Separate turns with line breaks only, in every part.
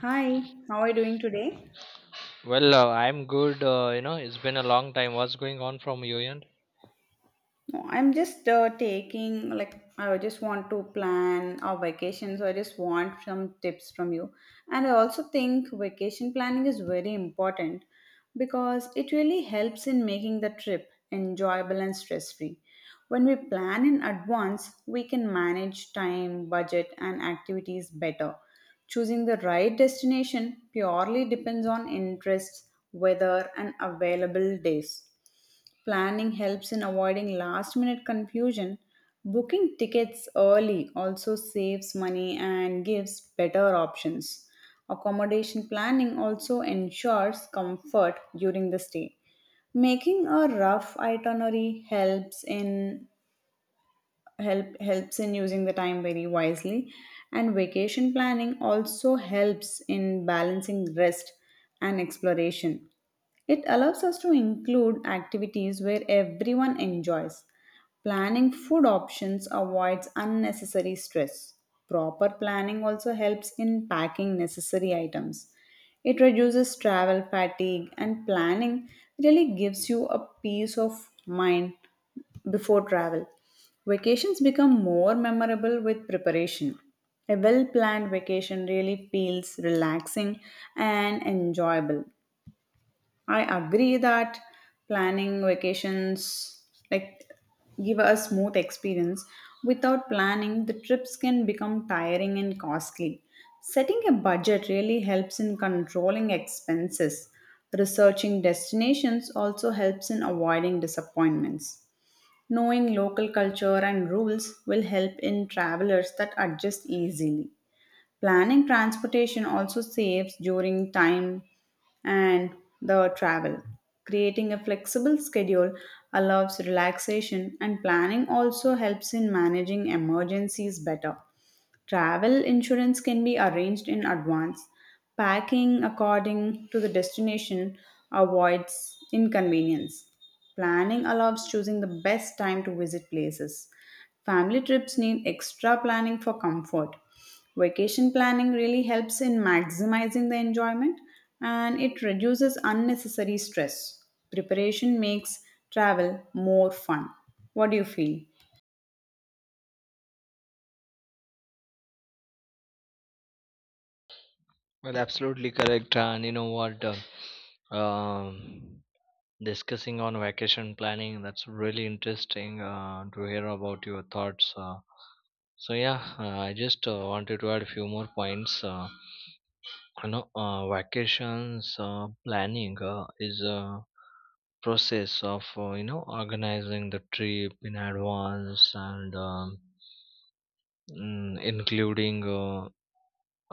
Hi, how are you doing today?
Well, I'm good. It's been a long time. What's going on from your end?
No, I'm just taking like I just want to plan our vacation, so I just want some tips from you. And I also think vacation planning is very important because it really helps in making the trip enjoyable and stress-free. When we plan in advance, we can manage time, budget, and activities better. Choosing the right destination purely depends on interests, weather, and available days. Planning helps in avoiding last minute confusion. Booking tickets early also saves money and gives better options. Accommodation planning also ensures comfort during the stay. Making a rough itinerary helps in using the time very wisely, and vacation planning also helps in balancing rest and exploration. It allows us to include activities where everyone enjoys. Planning food options avoids unnecessary stress. Proper planning also helps in packing necessary items. It reduces travel fatigue, and planning really gives you a peace of mind before travel. Vacations become more memorable with preparation. A well planned vacation really feels relaxing and enjoyable. I agree that planning vacations like give a smooth experience. Without planning, the trips can become tiring and costly. Setting a budget really helps in controlling expenses. Researching destinations also helps in avoiding disappointments. Knowing local culture and rules will help in travelers that adjust easily. Planning transportation also saves during time and the travel. Creating a flexible schedule allows relaxation, and planning also helps in managing emergencies better. Travel insurance can be arranged in advance. Packing according to the destination avoids inconvenience. Planning allows choosing the best time to visit places. Family trips need extra planning for comfort. Vacation planning really helps in maximizing the enjoyment, and it reduces unnecessary stress. Preparation makes travel more fun. What do you feel?
Well, absolutely correct. And you know what? Um, Discussing on vacation planning, that's really interesting to hear about your thoughts. So yeah, I just wanted to add a few more points. Vacations planning is a process of organizing the trip in advance and including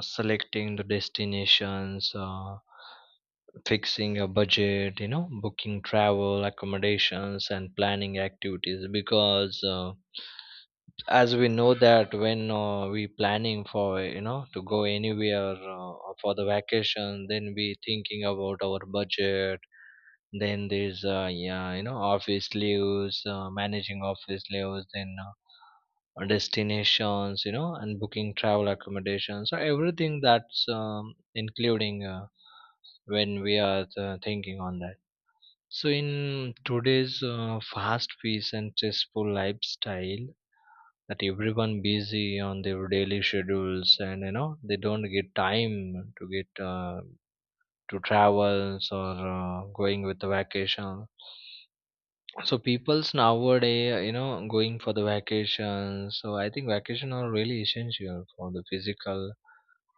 selecting the destinations, fixing a budget, you know, booking travel accommodations and planning activities because. As we know that when we planning for you know to go anywhere for the vacation, then we thinking about our budget, then there's yeah, you know, office leaves, managing office leaves, then destinations, you know, and booking travel accommodation. So everything that's including when we are thinking on that. So in today's fast paced and stressful lifestyle, that everyone busy on their daily schedules and you know they don't get time to get to travels or going with the vacation. So people's nowadays, you know, going for the vacation. So I think vacation are really essential for the physical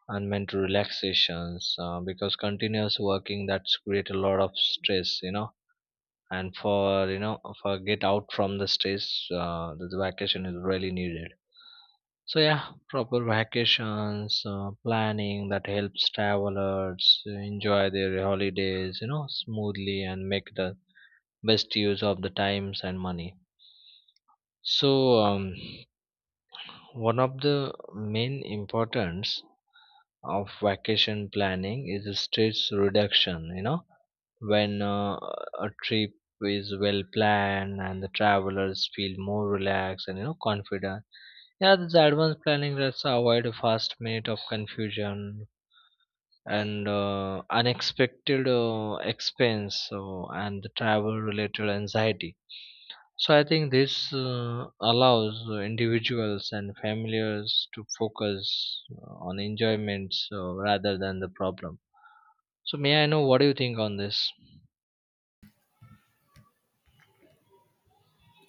and mental relaxations, because continuous working, that's create a lot of stress, you know, and for you know for get out from the stress, the vacation is really needed. So yeah, proper vacations, planning that helps travelers enjoy their holidays, you know, smoothly and make the best use of the times and money. So one of the main importance of vacation planning is the stress reduction. You know, when a trip is well planned and the travelers feel more relaxed and you know confident. Yeah, this advanced planning lets avoid a fast minute of confusion and unexpected expense so, and the travel related anxiety. So I think this allows individuals and families to focus on enjoyments rather than the problem. So may I know what do you think on this?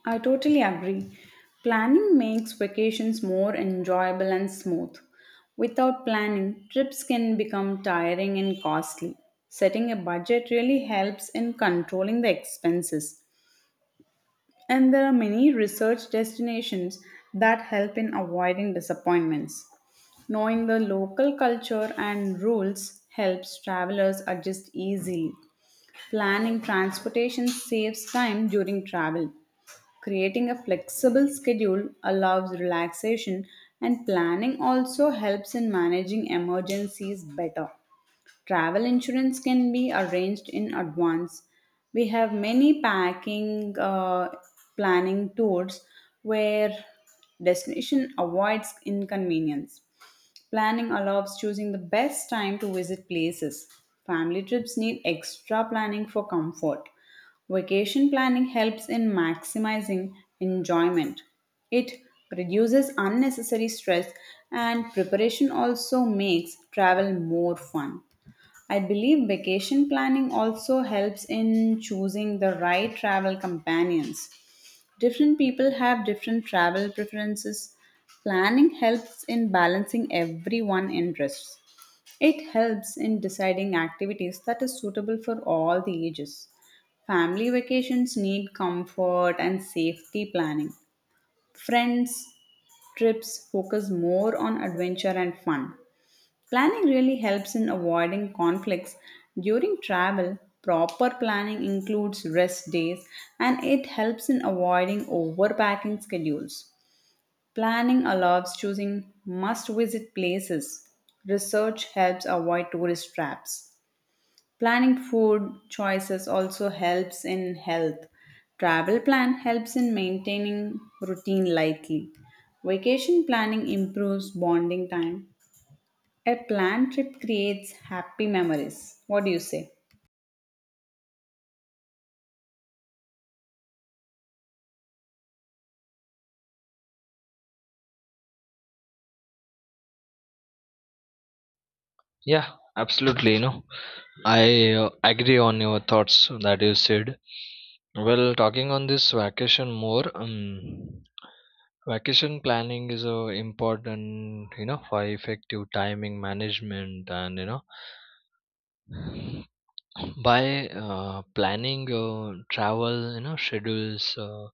I totally agree. Planning makes vacations more enjoyable and smooth. Without planning, trips can become tiring and costly. Setting a budget really helps in controlling the expenses. And there are many research destinations that help in avoiding disappointments. Knowing the local culture and rules helps travelers adjust easily. Planning transportation saves time during travel. Creating a flexible schedule allows relaxation, and planning also helps in managing emergencies better. Travel insurance can be arranged in advance. We have many packing planning tours where destination avoids inconvenience. Planning allows choosing the best time to visit places. Family trips need extra planning for comfort. Vacation planning helps in maximizing enjoyment. It reduces unnecessary stress, and preparation also makes travel more fun. I believe vacation planning also helps in choosing the right travel companions. Different people have different travel preferences. Planning helps in balancing everyone's interests. It helps in deciding activities that is suitable for all the ages. Family vacations need comfort and safety planning. Friends trips focus more on adventure and fun. Planning really helps in avoiding conflicts during travel. Proper planning includes rest days, and it helps in avoiding overpacking schedules. Planning allows choosing must visit places. Research helps avoid tourist traps. Planning food choices also helps in health. Travel plan helps in maintaining routine lightly. Vacation planning improves bonding time. A planned trip creates happy memories. What do you say?
Yeah, absolutely. You know, I agree on your thoughts that you said. Well, talking on this vacation more. Vacation planning is important, you know, for effective timing management, and you know by planning travel, you know, schedules,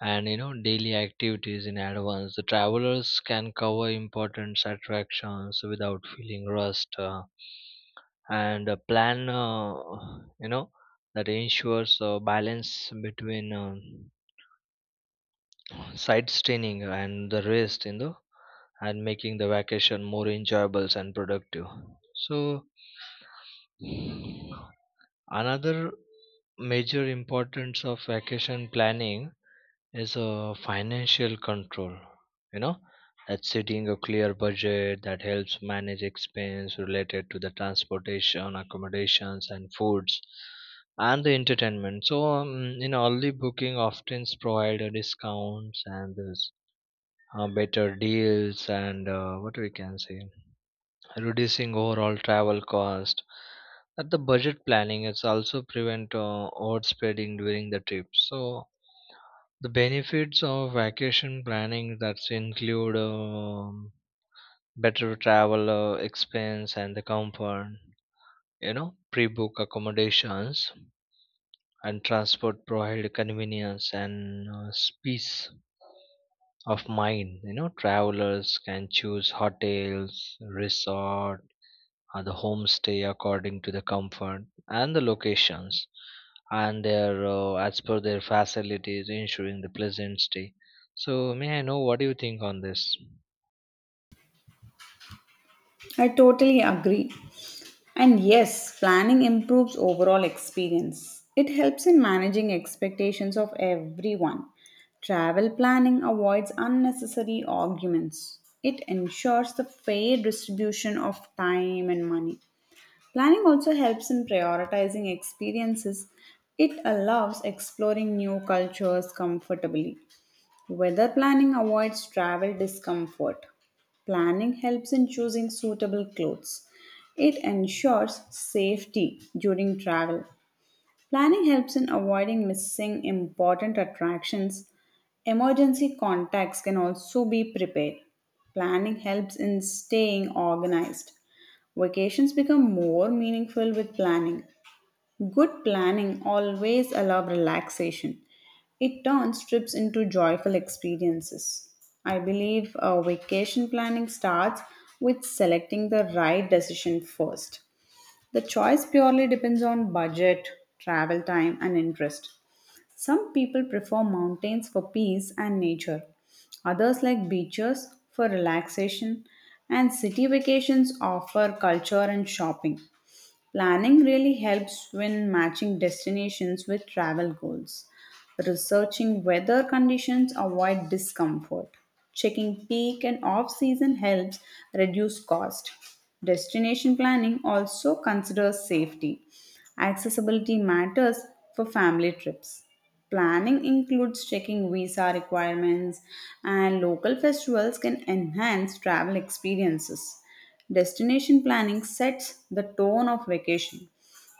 and you know daily activities in advance. The travelers can cover important attractions without feeling rushed. And a plan, you know that ensures a balance between side and the rest in the and making the vacation more enjoyable and productive. So, another major importance of vacation planning is financial control. You know, that's setting a clear budget that helps manage expense related to the transportation, accommodations, and foods, and the entertainment. So, in early booking often provide a discounts and the better deals, and what we can say, reducing overall travel cost at the budget planning. It's also prevent overspending during the trip. So the benefits of vacation planning, that's include better travel expense and the comfort. You know, pre-book accommodations and transport provide convenience and peace of mine. You know, travelers can choose hotels, resort or the homestay according to the comfort and the locations and their as per their facilities ensuring the pleasant stay. So may I know what do you think on this?
I totally agree. And yes, planning improves overall experience. It helps in managing expectations of everyone. Travel planning avoids unnecessary arguments. It ensures the fair distribution of time and money. Planning also helps in prioritizing experiences. It allows exploring new cultures comfortably. Weather planning avoids travel discomfort. Planning helps in choosing suitable clothes. It ensures safety during travel. Planning helps in avoiding missing important attractions. Emergency contacts can also be prepared. Planning helps in staying organized. Vacations become more meaningful with planning. Good planning always allows relaxation. It turns trips into joyful experiences. I believe vacation planning starts with selecting the right decision first. The choice purely depends on budget, travel time, and interest. Some people prefer mountains for peace and nature, others like beaches for relaxation, and city vacations offer culture and shopping. Planning really helps when matching destinations with travel goals. Researching weather conditions avoid discomfort. Checking peak and off season helps reduce cost. Destination planning also considers safety. Accessibility matters for family trips. Planning includes checking visa requirements, and local festivals can enhance travel experiences. Destination planning sets the tone of vacation.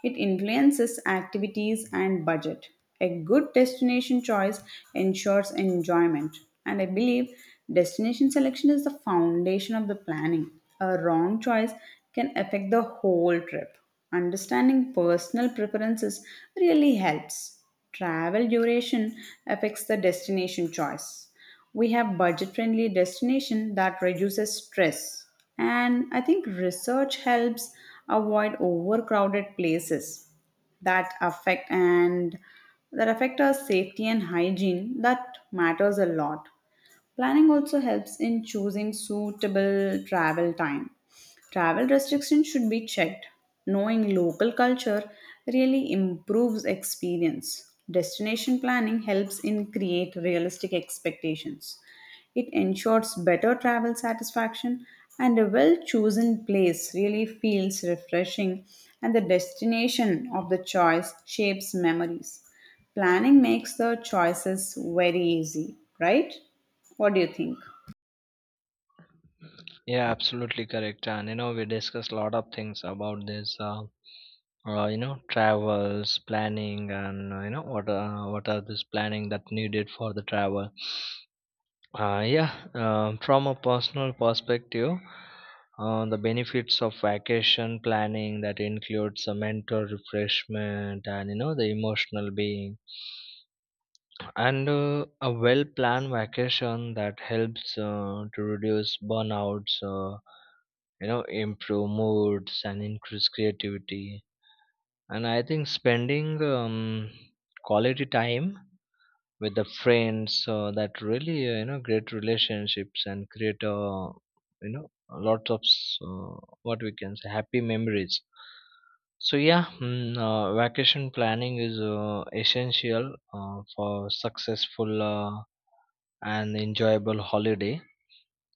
It influences activities and budget. A good destination choice ensures enjoyment, and I believe destination selection is the foundation of the planning. A wrong choice can affect the whole trip. Understanding personal preferences really helps. Travel duration affects the destination choice. We have budget-friendly destination that reduces stress. And I think research helps avoid overcrowded places that affect and that affect our safety and hygiene that matters a lot. Planning also helps in choosing suitable travel time. Travel restrictions should be checked. Knowing local culture really improves experience. Destination planning helps in create realistic expectations. It ensures better travel satisfaction, and a well chosen place really feels refreshing, and the destination of the choice shapes memories. Planning makes the choices very easy, right? What do you think?
Yeah, absolutely correct. And you know we discussed a lot of things about this, you know, travels planning and you know what, what are this planning that needed for the travel. Yeah, from a personal perspective, the benefits of vacation planning that includes a mental refreshment, and you know the emotional being, and a well planned vacation that helps to reduce burnouts, you know, improve moods and increase creativity. And I think spending quality time with the friends that really create relationships and create, lots of what we can say, happy memories. So yeah, vacation planning is essential for successful and enjoyable holiday,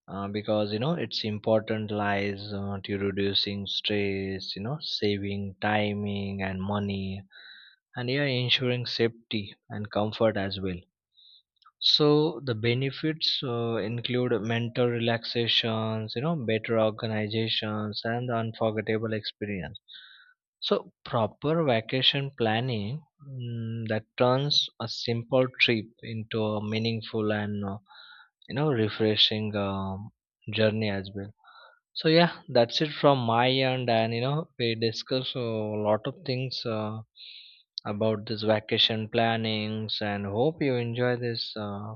because you know it's important lies to reducing stress, you know, saving timing and money, and yeah ensuring safety and comfort as well. So the benefits include mental relaxations, you know, better organizations, and the unforgettable experience. So proper vacation planning, that turns a simple trip into a meaningful and refreshing journey as well. So yeah, that's it from my end, and you know we discuss a lot of things about this vacation plannings, and hope you enjoy this.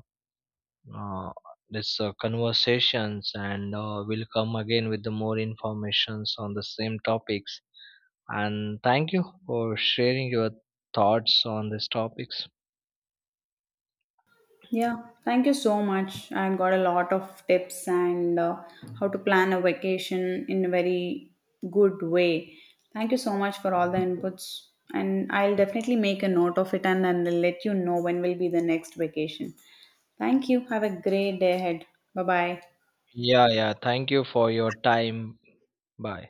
uh, this conversations, and we'll come again with the more informations on the same topics. And thank you for sharing your thoughts on these topics.
Yeah, thank you so much. I got a lot of tips and how to plan a vacation in a very good way. Thank you so much for all the inputs. And I'll definitely make a note of it, and then I'll let you know when will be the next vacation. Thank you. Have a great day ahead. Bye bye.
Yeah, yeah, thank you for your time. Bye.